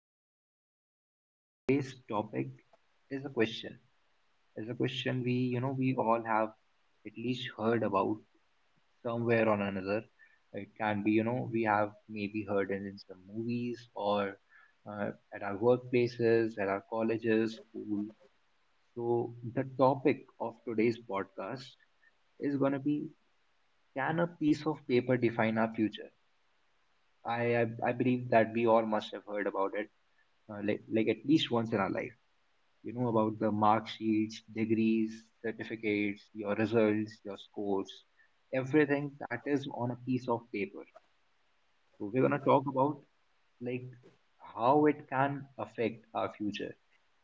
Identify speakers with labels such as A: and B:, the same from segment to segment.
A: today, and today's topic is a question. We, we all have at least heard about somewhere or another. It can be, we have maybe heard it in some movies or at our workplaces, at our colleges, school. So the topic of today's podcast is going to be: Can a piece of paper define our future? I believe that we all must have heard about it, like at least once in our life. You know about the mark sheets, degrees, certificates, your results, your scores, everything that is on a piece of paper. So we're gonna talk about like how it can affect our future,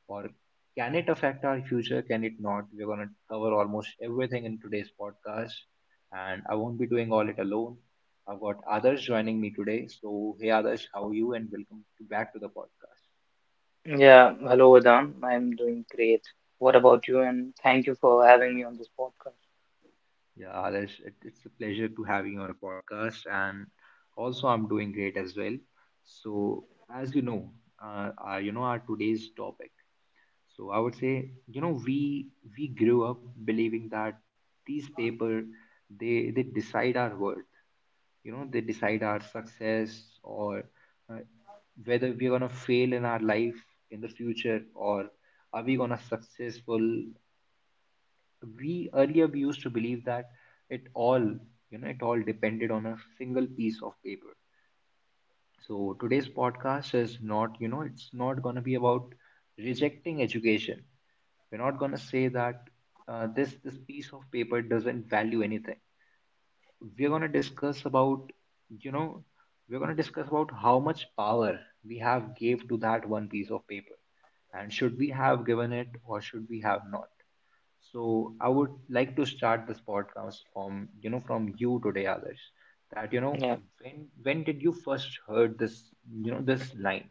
A: or can it affect our future? Can it not? We're going to cover almost everything in today's podcast, and I won't be doing all it alone. I've got others joining me today. So, hey, others, how are you? And welcome to back to the podcast.
B: Yeah, hello Vedant. I'm doing great. What about you? And thank you for having me on this podcast.
A: Yeah, others, it's a pleasure to have you on a podcast, and also I'm doing great as well. So, as you know our today's topic. So, I would say, we grew up believing that these paper they decide our worth. You know, they decide our success, or uh, whether we're gonna fail in our life in the future, or are we gonna successful. We earlier we used to believe that it all, it all depended on a single piece of paper. So today's podcast is not, it's not gonna be about rejecting education. We're not gonna say that this piece of paper doesn't value anything. We're going to discuss about, you know we're going to discuss about how much power we have gave to that one piece of paper, and should we have given it or should we have not. So I would like to start this podcast from, from you today, others, that
B: Yeah,
A: when did you first heard this, this line,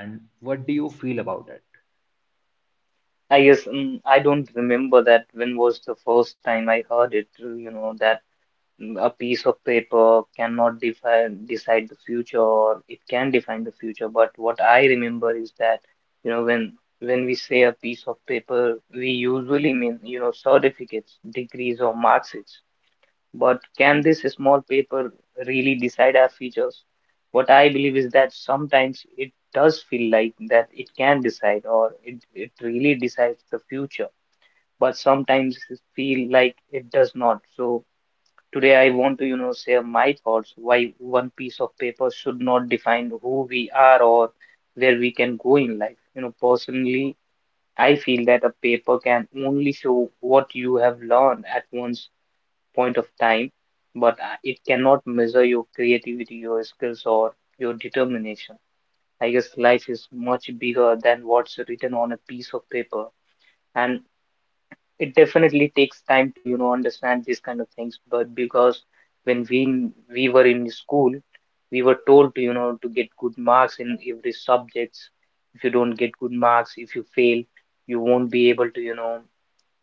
A: and what do you feel about it?
B: I guess I don't remember that when was the first time I heard it, you know, that a piece of paper cannot define decide the future or it can define the future. But what I remember is that, you know, when when we say a piece of paper, we usually mean, you know, certificates, degrees or marks. But can this small paper really decide our futures? What I believe is that sometimes it does feel like that it can decide or it really decides the future, but sometimes it feel like it does not. So today I want to, you know, share my thoughts why one piece of paper should not define who we are or where we can go in life. You know, personally, I feel that a paper can only show what you have learned at once point of time, but it cannot measure your creativity, your skills, or your determination. I guess life is much bigger than what's written on a piece of paper, and it definitely takes time to you know understand these kind of things. But because when we were in school, we were told to you know to get good marks in every subjects. If you don't get good marks, if you fail, you won't be able to you know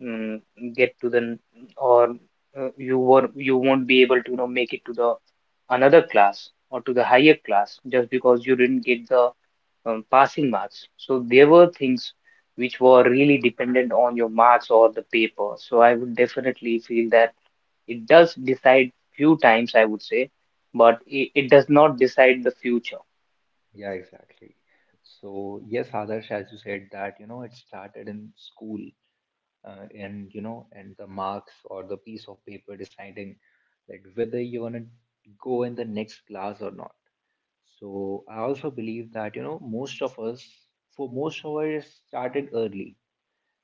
B: mm, get to the or you won't be able to you know make it to the another class or to the higher class just because you didn't get the passing marks, so there were things which were really dependent on your marks or the paper. So I would definitely feel that it does decide few times, I would say, but it does not decide the future.
A: Yeah, exactly. So, yes, Adarsh, as you said, that you know, it started in school, and you know and the marks or the piece of paper deciding like whether you're going to go in the next class or not. So I also believe that you know most of us, for most of us it started early.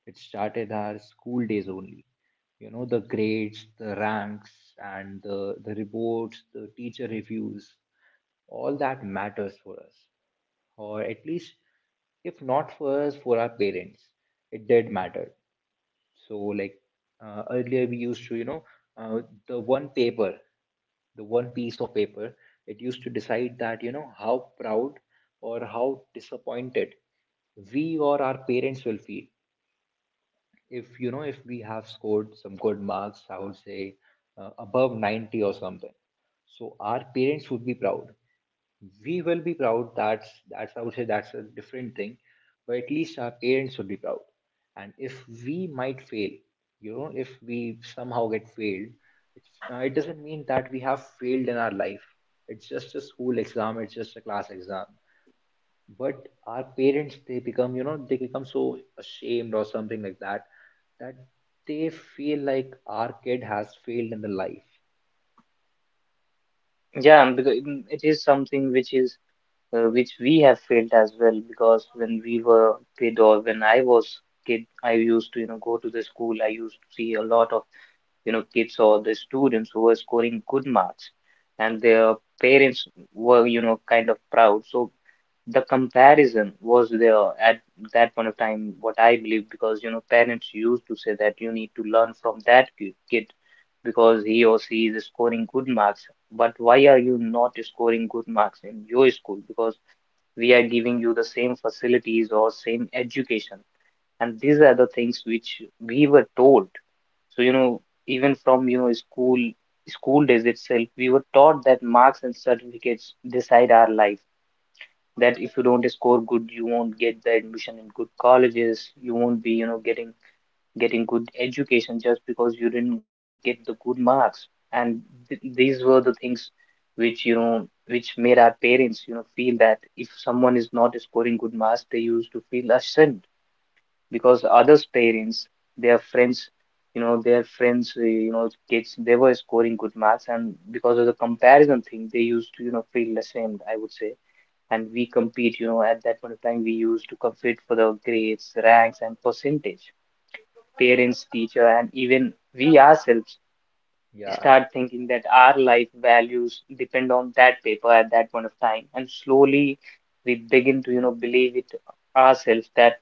A: It started our school days only. You know, the grades, the ranks, and the reports, the teacher reviews, all that matters for us, or at least if not for us, for our parents it did matter. So like, earlier we used to, you know, uh, the one paper, the one piece of paper, it used to decide that, you know, how proud or how disappointed we or our parents will feel if, you know, if we have scored some good marks, I would say above 90 or something. So our parents would be proud. We will be proud. That's I would say that's a different thing, but at least our parents would be proud. And if we might fail, you know, if we somehow get failed, it doesn't mean that we have failed in our life. It's just a school exam, it's just a class exam. But our parents, they become, you know, they become so ashamed or something like that, that they feel like our kid has failed in the life.
B: Yeah, because it is something which is which we have felt as well, because when we were kid or when I was kid, I used to you know go to the school. I used to see a lot of you know kids or the students who were scoring good marks, and their parents were you know kind of proud. So the comparison was there at that point of time. What I believe, because you know parents used to say that you need to learn from that kid because he or she is scoring good marks. But why are you not scoring good marks in your school? Because we are giving you the same facilities or same education, and these are the things which we were told. So you know even from you know school school days itself we were taught that marks and certificates decide our life, that if you don't score good you won't get the admission in good colleges, you won't be you know getting getting good education just because you didn't get the good marks. And th these were the things which, you know, which made our parents, you know, feel that if someone is not scoring good marks, they used to feel ashamed, because others' parents, their friends, you know, their friends, you know, kids, they were scoring good marks, and because of the comparison thing, they used to, you know, feel ashamed, I would say. And we compete, you know, at that point of time, we used to compete for the grades, ranks, and percentage. Parents, teacher, and even we ourselves
A: Yeah,
B: start thinking that our life values depend on that paper at that point of time. And slowly we begin to, you know, believe it ourselves, that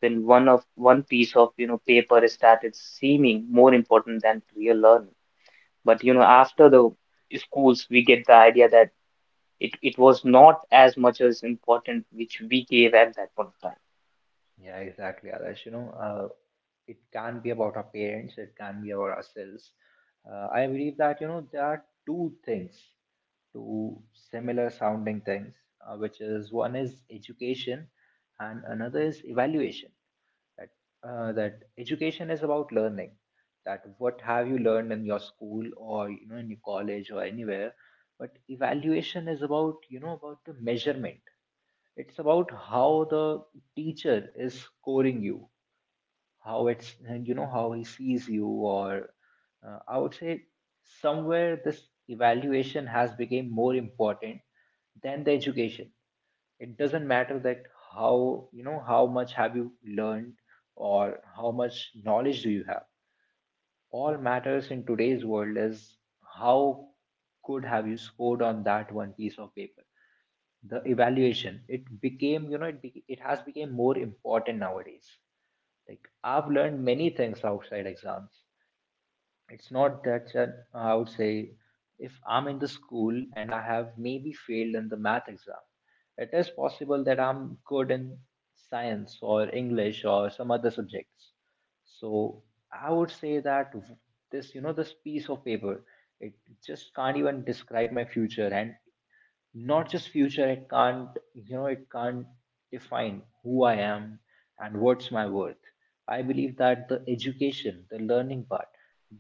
B: when one of one piece of, you know, paper started seeming more important than real learning. But, you know,
A: yeah,
B: after
A: exactly.
B: the schools, we get the idea that it was not as much as important which we gave at that point of time.
A: Yeah, exactly, Adarsh. You know, it can be about our parents, it can be about ourselves. I believe that you know there are two things, two similar sounding things, which is one is education and another is evaluation. That that education is about learning, that what have you learned in your school or you know in your college or anywhere. But evaluation is about, you know, about the measurement. It's about how the teacher is scoring you, how it's, you know, how he sees you, or I would say somewhere this evaluation has become more important than the education. It doesn't matter that how, you know, how much have you learned or how much knowledge do you have. All matters in today's world is how good have you scored on that one piece of paper. The evaluation it became, you know, it has become more important nowadays. Like, I've learned many things outside exams. It's not that I would say if I'm in the school and I have maybe failed in the math exam, it is possible that I'm good in science or English or some other subjects. So I would say that this, you know, this piece of paper, it just can't even describe my future. And not just future, it can't, you know, it can't define who I am and what's my worth. I believe that the education, the learning part,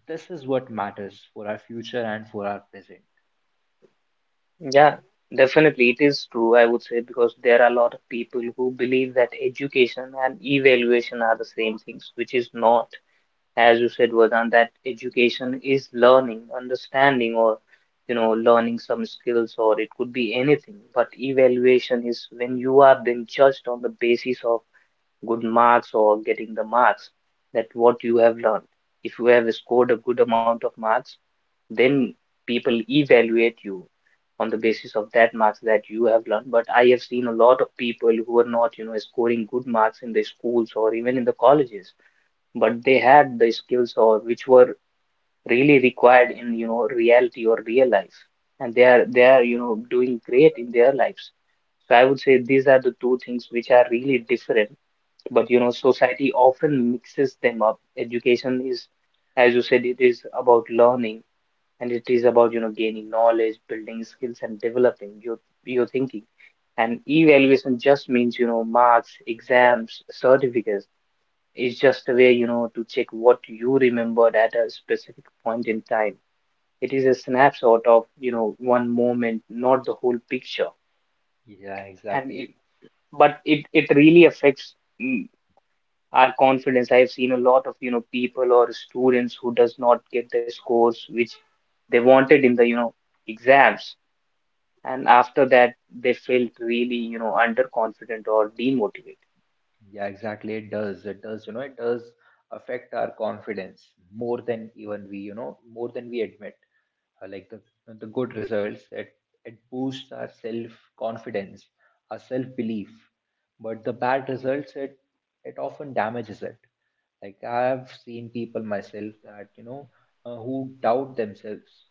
A: this is what matters for our future and for our present.
B: Yeah, definitely it is true, I would say, because there are a lot of people who believe that education and evaluation are the same things, which is not. As you said, Vardhan, that education is learning, understanding, or you know, learning some skills, or it could be anything. But evaluation is when you are being judged on the basis of good marks or getting the marks that what you have learned. If you have scored a good amount of marks, then people evaluate you on the basis of that marks that you have learned. But I have seen a lot of people who are not you know scoring good marks in the schools or even in the colleges, but they had the skills or which were really required in you know reality or real life, and they are you know doing great in their lives. So I would say these are the two things which are really different, but you know society often mixes them up. Education is, as you said, it is about learning, and it is about you know gaining knowledge, building skills and developing your thinking. And evaluation just means you know marks, exams, certificates. It's just a way you know to check what you remembered at a specific point in time. It is a snapshot of you know one moment, not the whole picture.
A: Yeah,
B: And it,
A: exactly.
B: but it really affects mm, our confidence. I've seen a lot of you know people or students who does not get the scores which they wanted in the you know exams, and after that they felt really you know underconfident or demotivated.
A: Yeah, exactly. It does. It does, you know, it does affect our confidence more than even we, you know, more than we admit. Like the good results, it boosts our self confidence, our self belief. But the bad results, it often damages it. Like I've seen people myself that, you know, who doubt themselves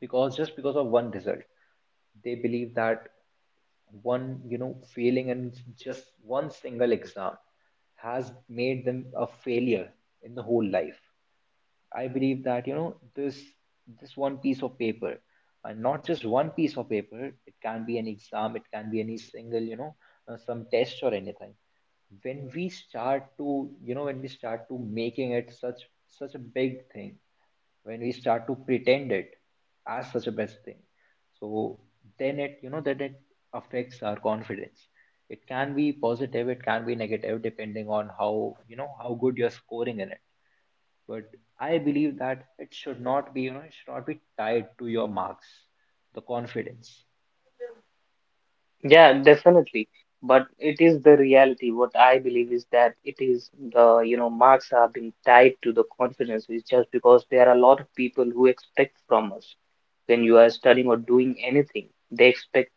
A: because just because of one result. They believe that one, you know, failing in just one single exam has made them a failure in the whole life. I believe that you know this this one piece of paper, and not just one piece of paper. It can be an exam. It can be any single, you know, some test or anything. When we start to, you know, when we start to making it such such a big thing, when we start to pretend it as such a best thing, so then it, you know, that it affects our confidence. It can be positive. It can be negative depending on how, you know, how good you're scoring in it. But I believe that it should not be, you know, it should not be tied to your marks, the confidence.
B: Yeah, definitely, but it is the reality. What I believe is that it is the you know marks are being tied to the confidence is just because there are a lot of people who expect from us. When you are studying or doing anything, they expect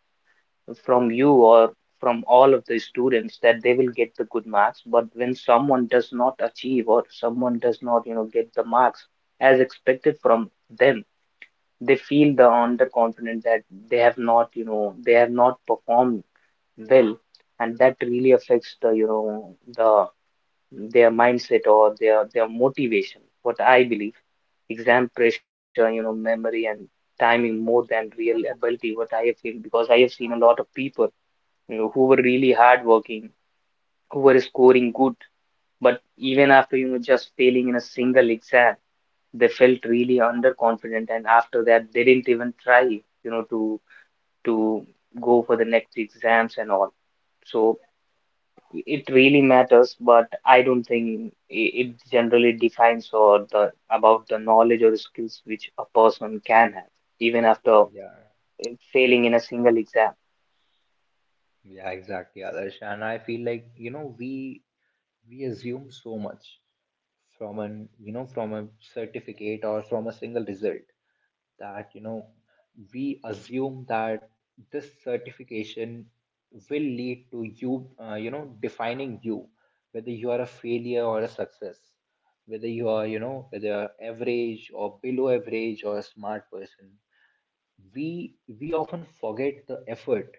B: from you or from all of the students that they will get the good marks. But when someone does not achieve or someone does not you know get the marks as expected from them, they feel the underconfident that they have not you know they have not performed well, and that really affects the you know the their mindset or their motivation, what I believe. Exam pressure, you know, memory and timing more than real ability, what I have feel, because I have seen a lot of people you know who were really hardworking, who were scoring good, but even after you know just failing in a single exam they felt really underconfident, and after that they didn't even try you know to go for the next exams and all. So it really matters, but I don't think it generally defines or the about the knowledge or the skills which a person can have, even after
A: Yeah,
B: failing in a single exam.
A: yeah, exactly, Adarsh. And I feel like, you know, we assume so much from an, you know, from a certificate or from a single result, that you know we assume that this certification will lead to you, you know, defining you, whether you are a failure or a success, whether you are, you know, whether average or below average or a smart person. we we often forget the effort,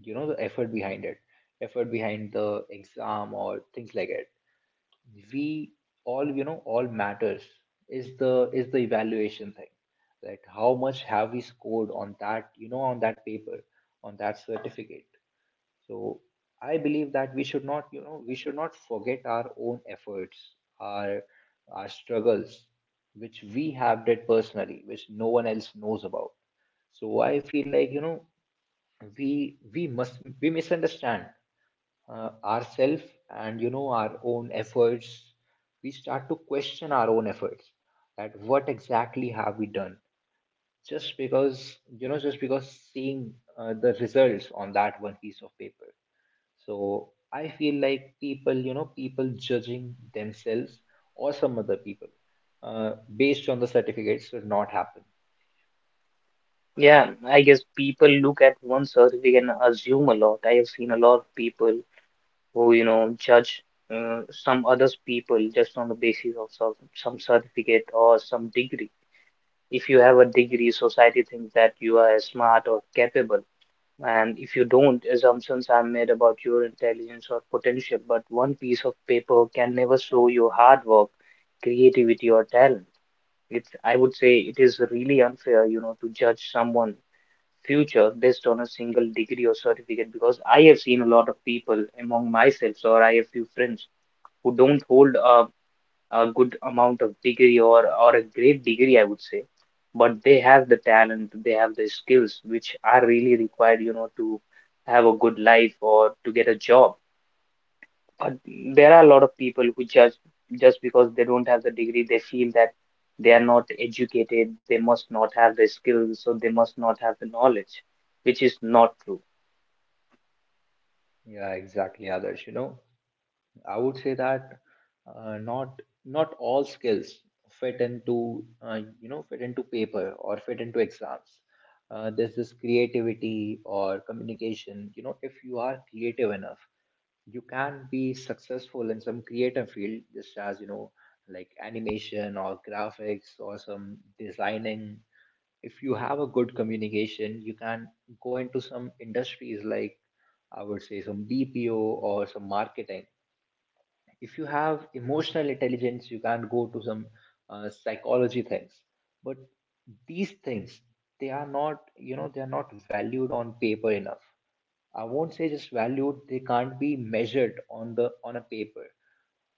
A: you know, the effort behind it, effort behind the exam or things like it. We all, you know, all matters is the evaluation thing, that how much have we scored on that, you know, on that paper, on that certificate. So I believe that we should not, you know, we should not forget our own efforts, our struggles, which we have did personally, which no one else knows about. So I feel like, you know, we misunderstand ourself and you know our own efforts. We start to question our own efforts, that what exactly have we done just because, you know, just because seeing the results on that one piece of paper. So I feel like people, you know, people judging themselves or some other people based on the certificates should not happen.
B: Yeah, I guess people look at one certificate and assume a lot. I have seen a lot of people who, you know, judge some others people just on the basis of some certificate or some degree. If you have a degree, society thinks that you are smart or capable. And if you don't, assumptions are made about your intelligence or potential. But one piece of paper can never show your hard work, creativity, or talent. It's, I would say it is really unfair, you know, to judge someone future based on a single degree or certificate, because I have seen a lot of people among myself, or I have few friends who don't hold a good amount of degree or a great degree, I would say, but they have the talent, they have the skills which are really required, you know, to have a good life or to get a job. But there are a lot of people who just because they don't have the degree, they feel that they are not educated, they must not have the skills, so they must not have the knowledge, which is not true.
A: Yeah, exactly, others, you know, I would say that not all skills fit into, you know, fit into paper or fit into exams. There's this creativity or communication. You know, if you are creative enough, you can be successful in some creative field, just as you know, like animation or graphics or some designing. If you have a good communication, you can go into some industries like, I would say, some BPO or some marketing. If you have emotional intelligence, you can go to some psychology things. But these things, they are not, you know, they are not valued on paper enough. I won't say just valued; they can't be measured on the on a paper.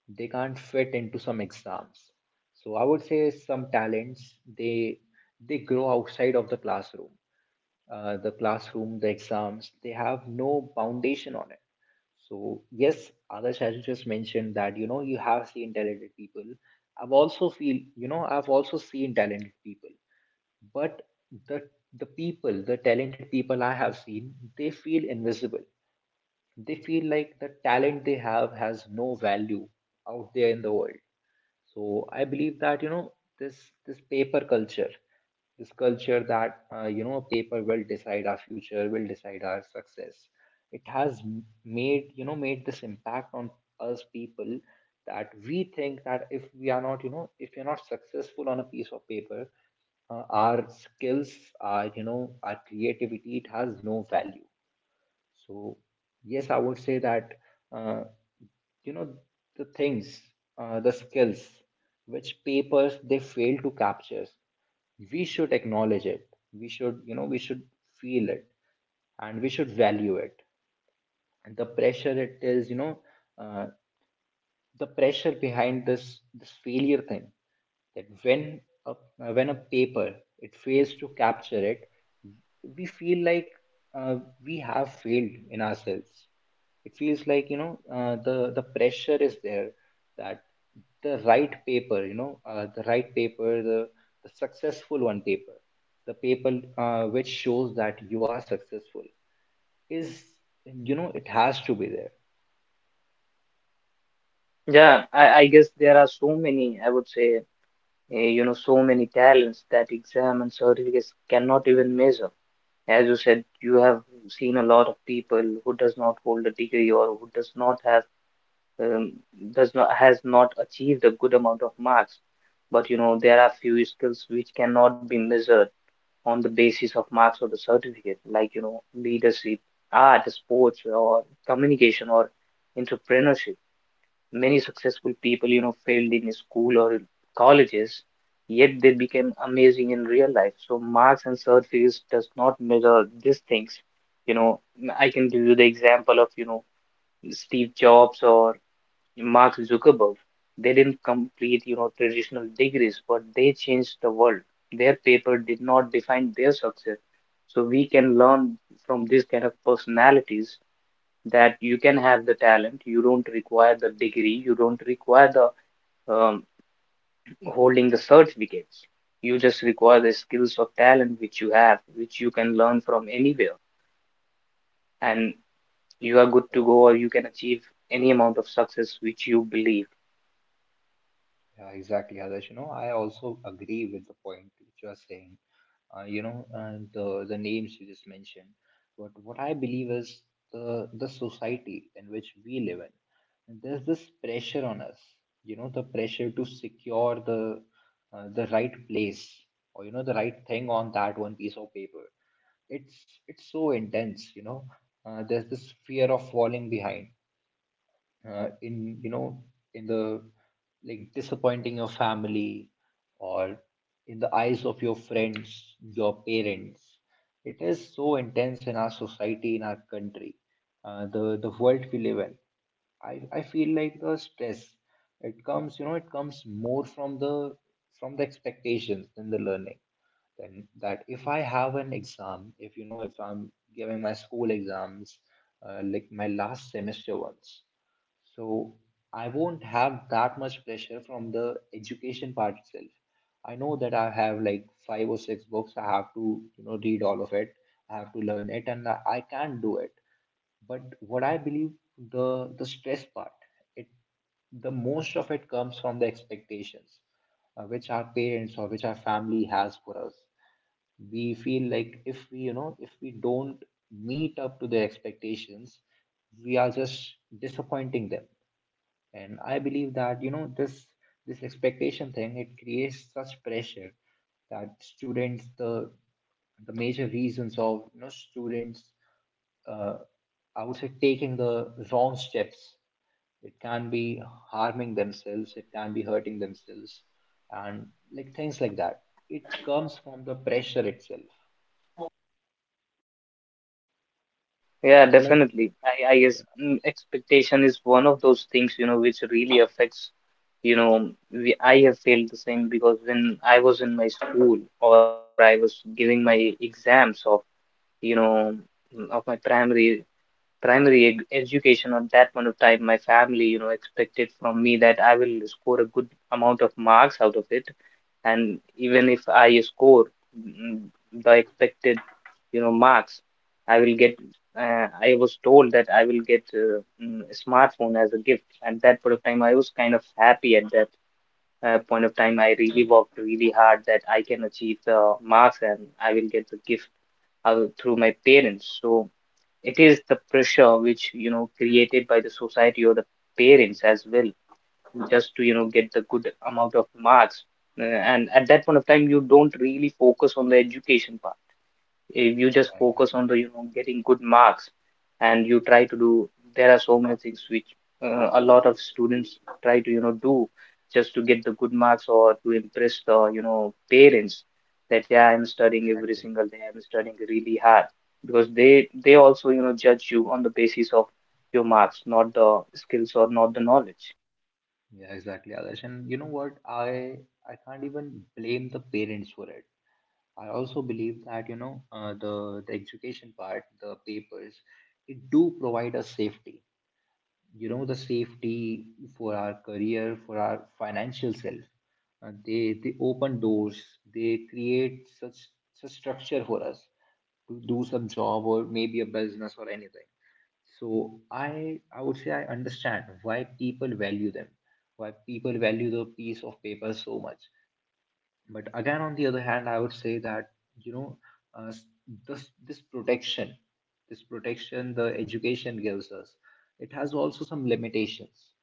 A: They can't fit into some exams. So I would say some talents, they grow outside of the classroom. The classroom, the exams, they have no foundation on it. So yes, Adarsh, as you just mentioned that you know you have seen talented people. I've also feel, you know, I've also seen talented people, but the the people, the talented people I have seen, they feel invisible. They feel like the talent they have has no value out there in the world. So I believe that this paper culture, this culture that you know paper will decide our future, will decide our success. It has m- made you know made this impact on us people that we think that if we are not you know if you're not successful on a piece of paper, our skills, our our creativity, it has no value. So yes, I would say that uh, you know the things, the skills which papers they fail to capture, we should acknowledge it. We should feel it and we should value it. And the pressure it is uh, the pressure behind this failure thing, that when a, when a paper it fails to capture it, we feel like uh, we have failed in ourselves. It feels like the pressure is there, that the right paper the right paper, the successful one paper, the paper which shows that you are successful is, you know, it has to be there.
B: Yeah, I guess there are so many, I would say, you know, so many talents that exam and certificates cannot even measure. As you said, you have seen a lot of people who does not hold a degree or who does not have um, does not has not achieved a good amount of marks. But you know there are few skills which cannot be measured on the basis of marks or the certificate, like you know leadership, art, sports, or communication or entrepreneurship. Many successful people, you know, failed in school or in colleges, yet they became amazing in real life. So marks and surface does not measure these things. You know, I can give you the example of, you know, Steve Jobs or Mark Zuckerberg. They didn't complete, you know, traditional degrees, but they changed the world. Their paper did not define their success. So we can learn from these kind of personalities that you can have the talent, you don't require the degree, you don't require the um, holding the certificates. You just require the skills of talent which you have, which you can learn from anywhere, and you are good to go, or you can achieve any amount of success which you believe.
A: Yeah, exactly, Adarsh. You know, I also agree with the point which you are saying. You know, and the names you just mentioned. But what I believe is the society in which we live in. And there's this pressure on us. You know, the pressure to secure the right place or you know the right thing on that one piece of paper. It's so intense. You know, there's this fear of falling behind in in the, like, disappointing your family or in the eyes of your friends, your parents. It is so intense in our society, in our country, the world we live in. I feel like the stress, it comes you know it comes more from the expectations than the learning. Then that if I have an exam, if you know if I'm giving my school exams, like my last semester ones, so I won't have that much pressure from the education part itself. I know that I have like five or six books I have to you know read all of it. I have to learn it and I can't do it. But what I believe, the stress part, it, the most of it comes from the expectations which our parents or which our family has for us. We feel like if we you know if we don't meet up to their expectations, we are just disappointing them. And I believe that, you know, this expectation thing, it creates such pressure that students, the major reasons of, you know, students, uh, I would say taking the wrong steps. It can be harming themselves, it can be hurting themselves, and like things like that. It comes from the pressure itself.
B: Yeah,
A: And like,
B: definitely. I
A: yeah,
B: guess expectation is one of those things, you know, which really affects, you know, I have felt the same because when I was in my school or I was giving my exams of you know of my education at that point of time, my family, you know, expected from me that I will score a good amount of marks out of it, and even if I score mm, the expected, you know, marks I will get, I was told that I will get a smartphone as a gift. At that point of time, I was kind of happy at that point of time. I really worked really hard that I can achieve the marks and I will get the gift through my parents. So it is the pressure which, you know, created by the society or the parents as well, just to, you know, get the good amount of marks. And at that point of time, you don't really focus on the education part if you just focus on the,
A: exactly,
B: you know, getting good marks, and you try to do, there are so many things which a lot of students try to, you know, do, just to get the good marks or to impress the, you know, parents, that yeah, I'm studying every
A: exactly.
B: single day, I'm studying really hard, because they also, you know, judge you on the basis of your marks, not the skills or not the knowledge.
A: Yeah, exactly, Adarsh. And you know what? I can't even blame the parents for it. I also believe that you know the education part, the papers, it do provide us safety, you know, the safety for our career, for our financial self. They open doors, they create such such structure for us to do some job or maybe a business or anything. So I would say I understand why people value them, why people value the piece of paper so much. But again, on the other hand, I would say that you know uh, this this protection the education gives us, it has also some limitations.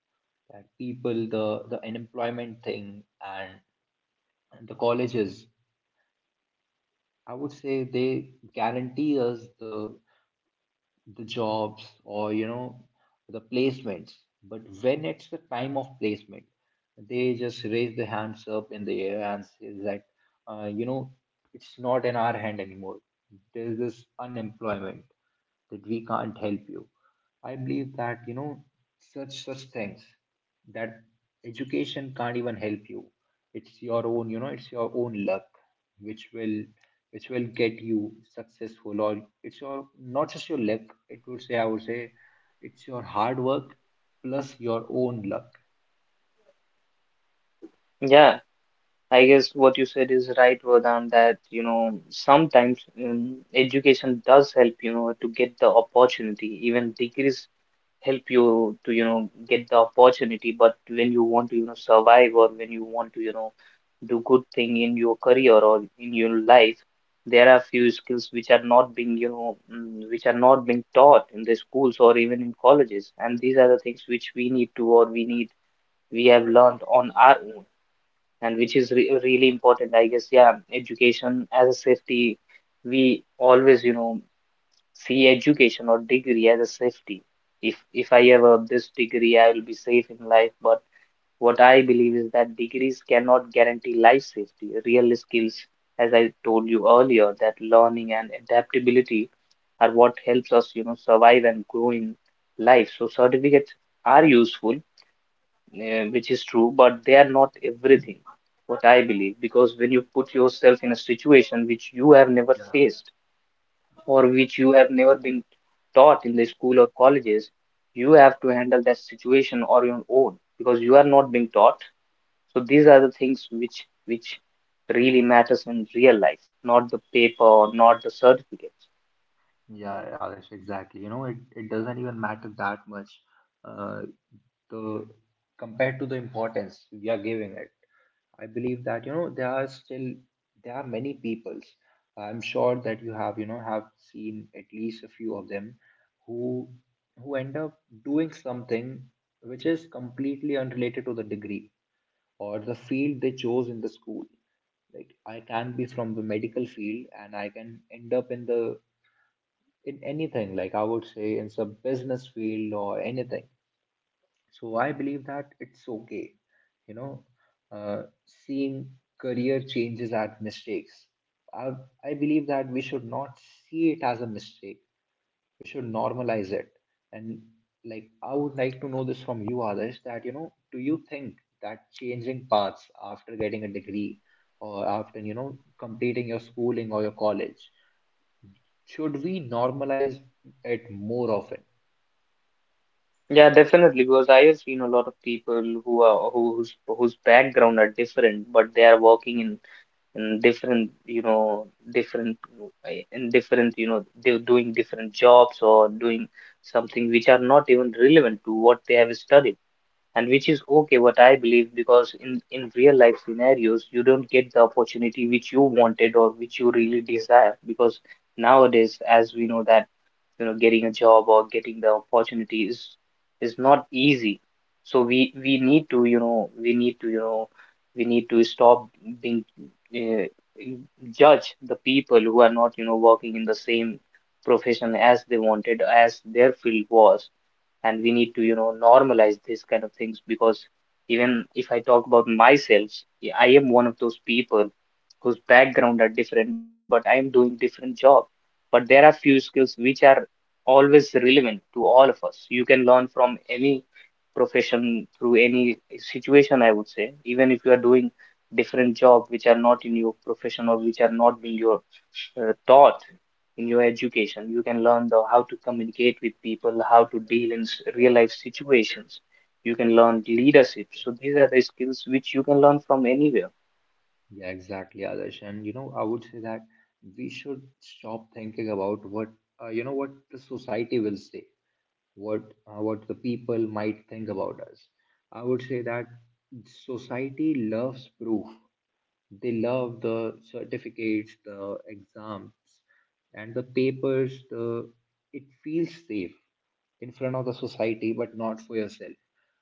A: That people, the unemployment thing and the colleges, I would say they guarantee us the jobs or you know the placements. But when it's the time of placement, they just raise their hands up in the air and says that you know it's not in our hand anymore, there's this unemployment, that we can't help you. I believe that you know such such things, that education can't even help you. It's your own you know it's your own luck which will which will get you successful. Or it's your, not just your luck, it would say I would say, it's your hard work plus your own luck.
B: Yeah, I guess what you said is right, Vardhan, that you know sometimes education does help, you know, to get the opportunity. Even degrees help you to, you know, get the opportunity. But when you want to, you know, survive, or when you want to, you know, do good thing in your career or in your life, there are few skills which are not being, you know, which are not being taught in the schools or even in colleges, and these are the things which we need to, or we need, we have learned on our own, and which is re really important. I guess, yeah, education as a safety, we always, you know, see education or degree as a safety. If I have a, this degree, I will be safe in life. But what I believe is that degrees cannot guarantee life safety. Real skills, as I told you earlier, that learning and adaptability are what helps us, you know, survive and grow in life. So certificates are useful, which is true, but they are not everything, what I believe, because when you put yourself in a situation which you have never
A: Yeah,
B: faced or which you have never been taught in the school or colleges, you have to handle that situation on your own because you are not being taught. So these are the things which really matters in real life, not the paper or not the certificates.
A: yeah, yeah, exactly. You know, it doesn't even matter that much. Uh, the, compared to the importance we are giving it, I believe that you know there are still there are many peoples. I'm sure that you have you know have seen at least a few of them, who who end up doing something which is completely unrelated to the degree or the field they chose in the school. Like I can be from the medical field and I can end up in the, in anything. Like I would say in some business field or anything. So I believe that it's okay, you know, seeing career changes as mistakes. I, I believe that we should not see it as a mistake. We should normalize it. And like I would like to know this from you, others, that you know, do you think that changing paths after getting a degree or after you know completing your schooling or your college, should we normalize it more often
B: Yeah, definitely, because I have seen a lot of people who are who, whose background are different, but they are working in different, you know, different in different, you know, they're doing different jobs or doing something which are not even relevant to what they have studied, and which is okay, what I believe, because in real life scenarios, you don't get the opportunity which you wanted or which you really desire, because nowadays, as we know that, you know, getting a job or getting the opportunities is not easy. So we need to, you know, we need to, you know, we need to stop being uh, judge the people who are not, you know, working in the same profession as they wanted, as their field was, and we need to, you know, normalize these kind of things, because even if I talk about myself, yeah, I am one of those people whose background are different, but I am doing different job. But there are few skills which are always relevant to all of us. You can learn from any profession, through any situation, I would say, even if you are doing different job which are not in your profession or which are not in your taught in your education. You can learn the how to communicate with people, how to deal in real life situations. You can learn
A: like that?
B: leadership. So these are the skills which you can learn from anywhere.
A: Yeah, exactly, Adarsh. And you know, I would say that we should stop thinking about what you know what the society will say, what what the people might think about us. I would say that society loves proof. They love the certificates, the exams, and the papers. The, it feels safe in front of the society, but not for yourself.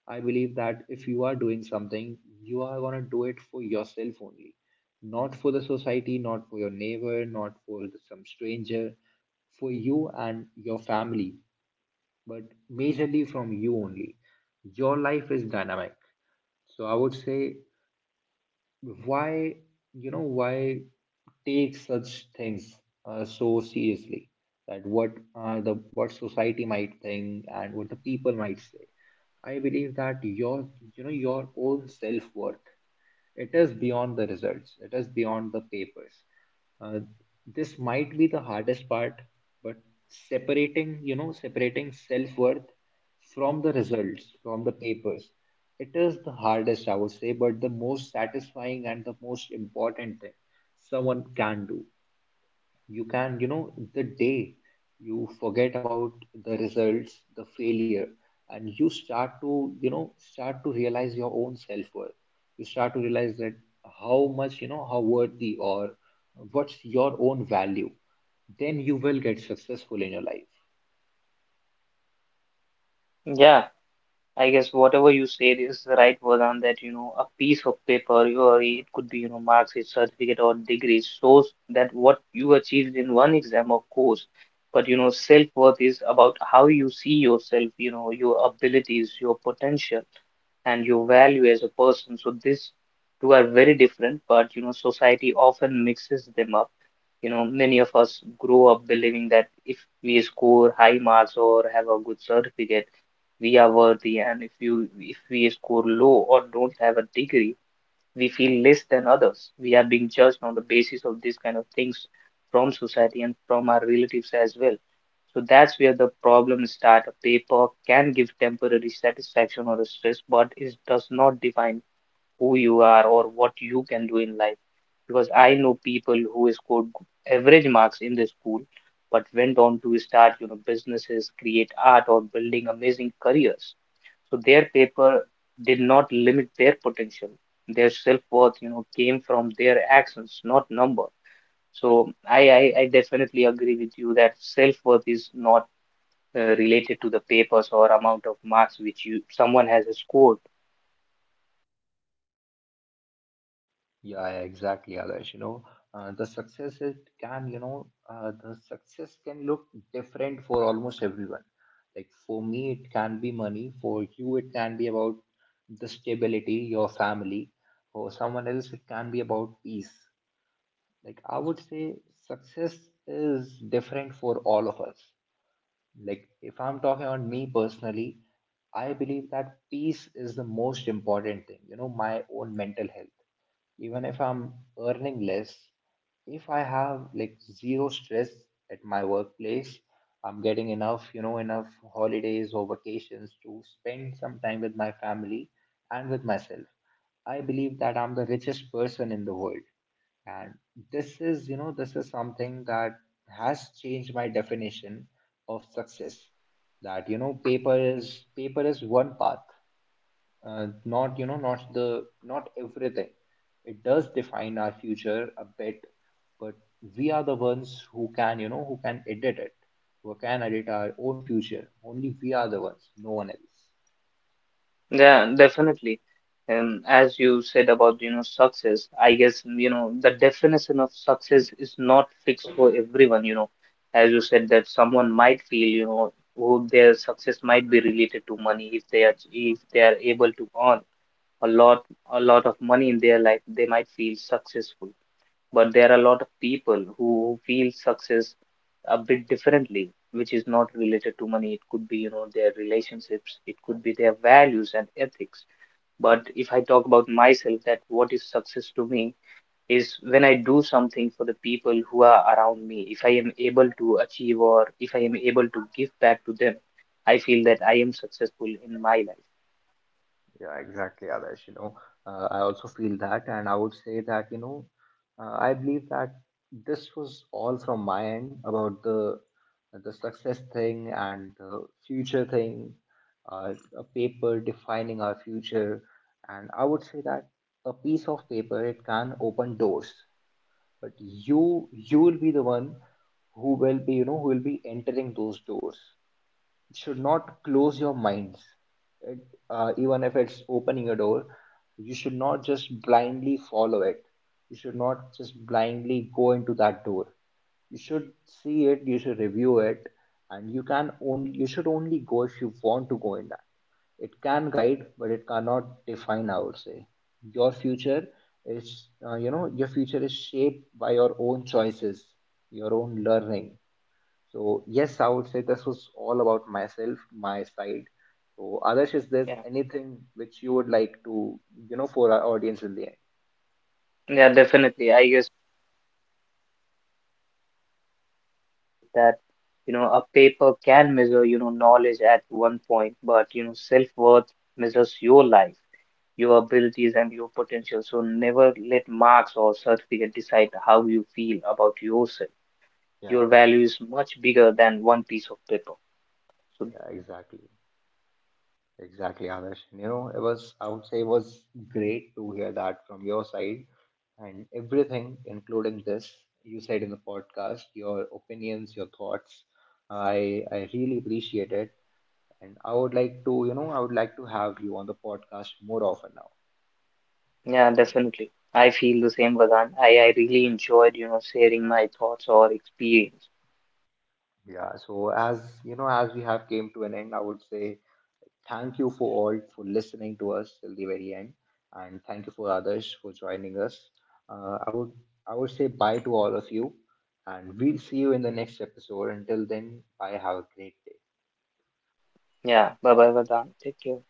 A: I believe that if you are doing something, you are gonna do it for yourself only, not for the society, not for your neighbor, not for the, some stranger, for you and your family, but majorly from you only. Your life is dynamic. So I would say why you know why take such things so seriously, that what the what society might think and what the people might say. I believe that your you know your own self worth, it is beyond the results, it is beyond the papers. Uh, this might be the hardest part, but separating, you know, separating self worth from the results, from the papers, it is the hardest, I would say, but the most satisfying and the most important thing someone can do. You can you know the day you forget about the results, the failure, and you start to you know start to realize your own self-worth, you start to realize that how much you know how worthy or what's your own value, then you will get successful in your life.
B: Yeah. I guess whatever you said is the right word on that, you know, a piece of paper, or it could be, you know, marks, a certificate or degree, shows that what you achieved in one exam, of course. But, you know, self-worth is about how you see yourself, you know, your abilities, your potential and your value as a person. So these two are very different, but, you know, society often mixes them up. You know, many of us grow up believing that if we score high marks or have a good certificate, we are worthy, and if you, if we score low or don't have a degree, we feel less than others. We are being judged on the basis of these kind of things from society and from our relatives as well. So that's where the problem start. A paper can give temporary satisfaction or a stress, but it does not define who you are or what you can do in life, because I know people who scored average marks in the school, but went on to start, you know, businesses, create art, or building amazing careers. So their paper did not limit their potential. Their self-worth, you know, came from their actions, not number. So I definitely agree with you that self-worth is not related to the papers or amount of marks which you someone has scored.
A: Yeah, yeah, exactly, Adarsh. You know, the success can look different for almost everyone. Like for me, it can be money. For you, it can be about the stability, your family. For someone else, it can be about peace. Like I would say, success is different for all of us. Like, if I'm talking on me personally, I believe that peace is the most important thing, you know, my own mental health. Even if I'm earning less, if I have like zero stress at my workplace, I'm getting enough, you know, enough holidays or vacations to spend some time with my family and with myself, I believe that I'm the richest person in the world. And this is, you know, this is something that has changed my definition of success. That, you know, paper is one path, not, you know, not the, not everything. It does define our future a bit, but we are the ones who can, you know, who can edit it, who can edit our own future. Only we are the ones, no one else.
B: Yeah, definitely. As you said about, you know, success, I guess, you know, the definition of success is not fixed for everyone, you know. As you said that someone might feel, you know, who their success might be related to money. If they are able to earn a lot a lot of money in their life, they might feel successful. But there are a lot of people who feel success a bit differently, which is not related to money. It could be, you know, their relationships, it could be their values and ethics. But if I talk about myself, that what is success to me is when I do something for the people who are around me. If I am able to achieve, or if I am able to give back to them, I feel that I am successful in my life.
A: Yeah, exactly, Adarsh. You know, I also feel that, and I would say that, you know, I believe that this was all from my end about the success thing and the future thing, a paper defining our future. And I would say that a piece of paper, it can open doors, but you will be the one who will be, you know, who will be entering those doors. Should not close your minds. It, even if it's opening a door, you should not just blindly follow it, you should not just blindly go into that door. You should see it, you should review it, and you can only, you should only go if you want to go in that. It can guide but it cannot define, I would say. Your future is you know your future is shaped by your own choices, your own learning. So yes, I would say this was all about myself, my side. So Adarsh, is there
B: Yeah,
A: anything which you would like to, you know, for our audience in the end?
B: yeah, definitely. I guess that you know a paper can measure, you know, knowledge at one point, but you know self-worth measures your life, your abilities and your potential. So never let marks or certificate decide how you feel about yourself.
A: Yeah.
B: Your value is much bigger than one piece of paper. So
A: Yeah, exactly. Exactly, Adarsh. You know, it was, I would say it was great to hear that from your side and everything, including this you said in the podcast, your opinions, your thoughts. I really appreciate it. And I would like to, you know, I would like to have you on the podcast more often now.
B: yeah, definitely. I feel the same, Vedant. I really enjoyed, you know, sharing my thoughts or experience.
A: Yeah, so as you know, as we have came to an end, I would say thank you for all for listening to us till the very end, and thank you for others for joining us. Uh, I would I would say bye to all of you, and we'll see you in the next episode. Until then, bye. Have a great day.
B: Yeah. Bye bye, Vedant. Take care.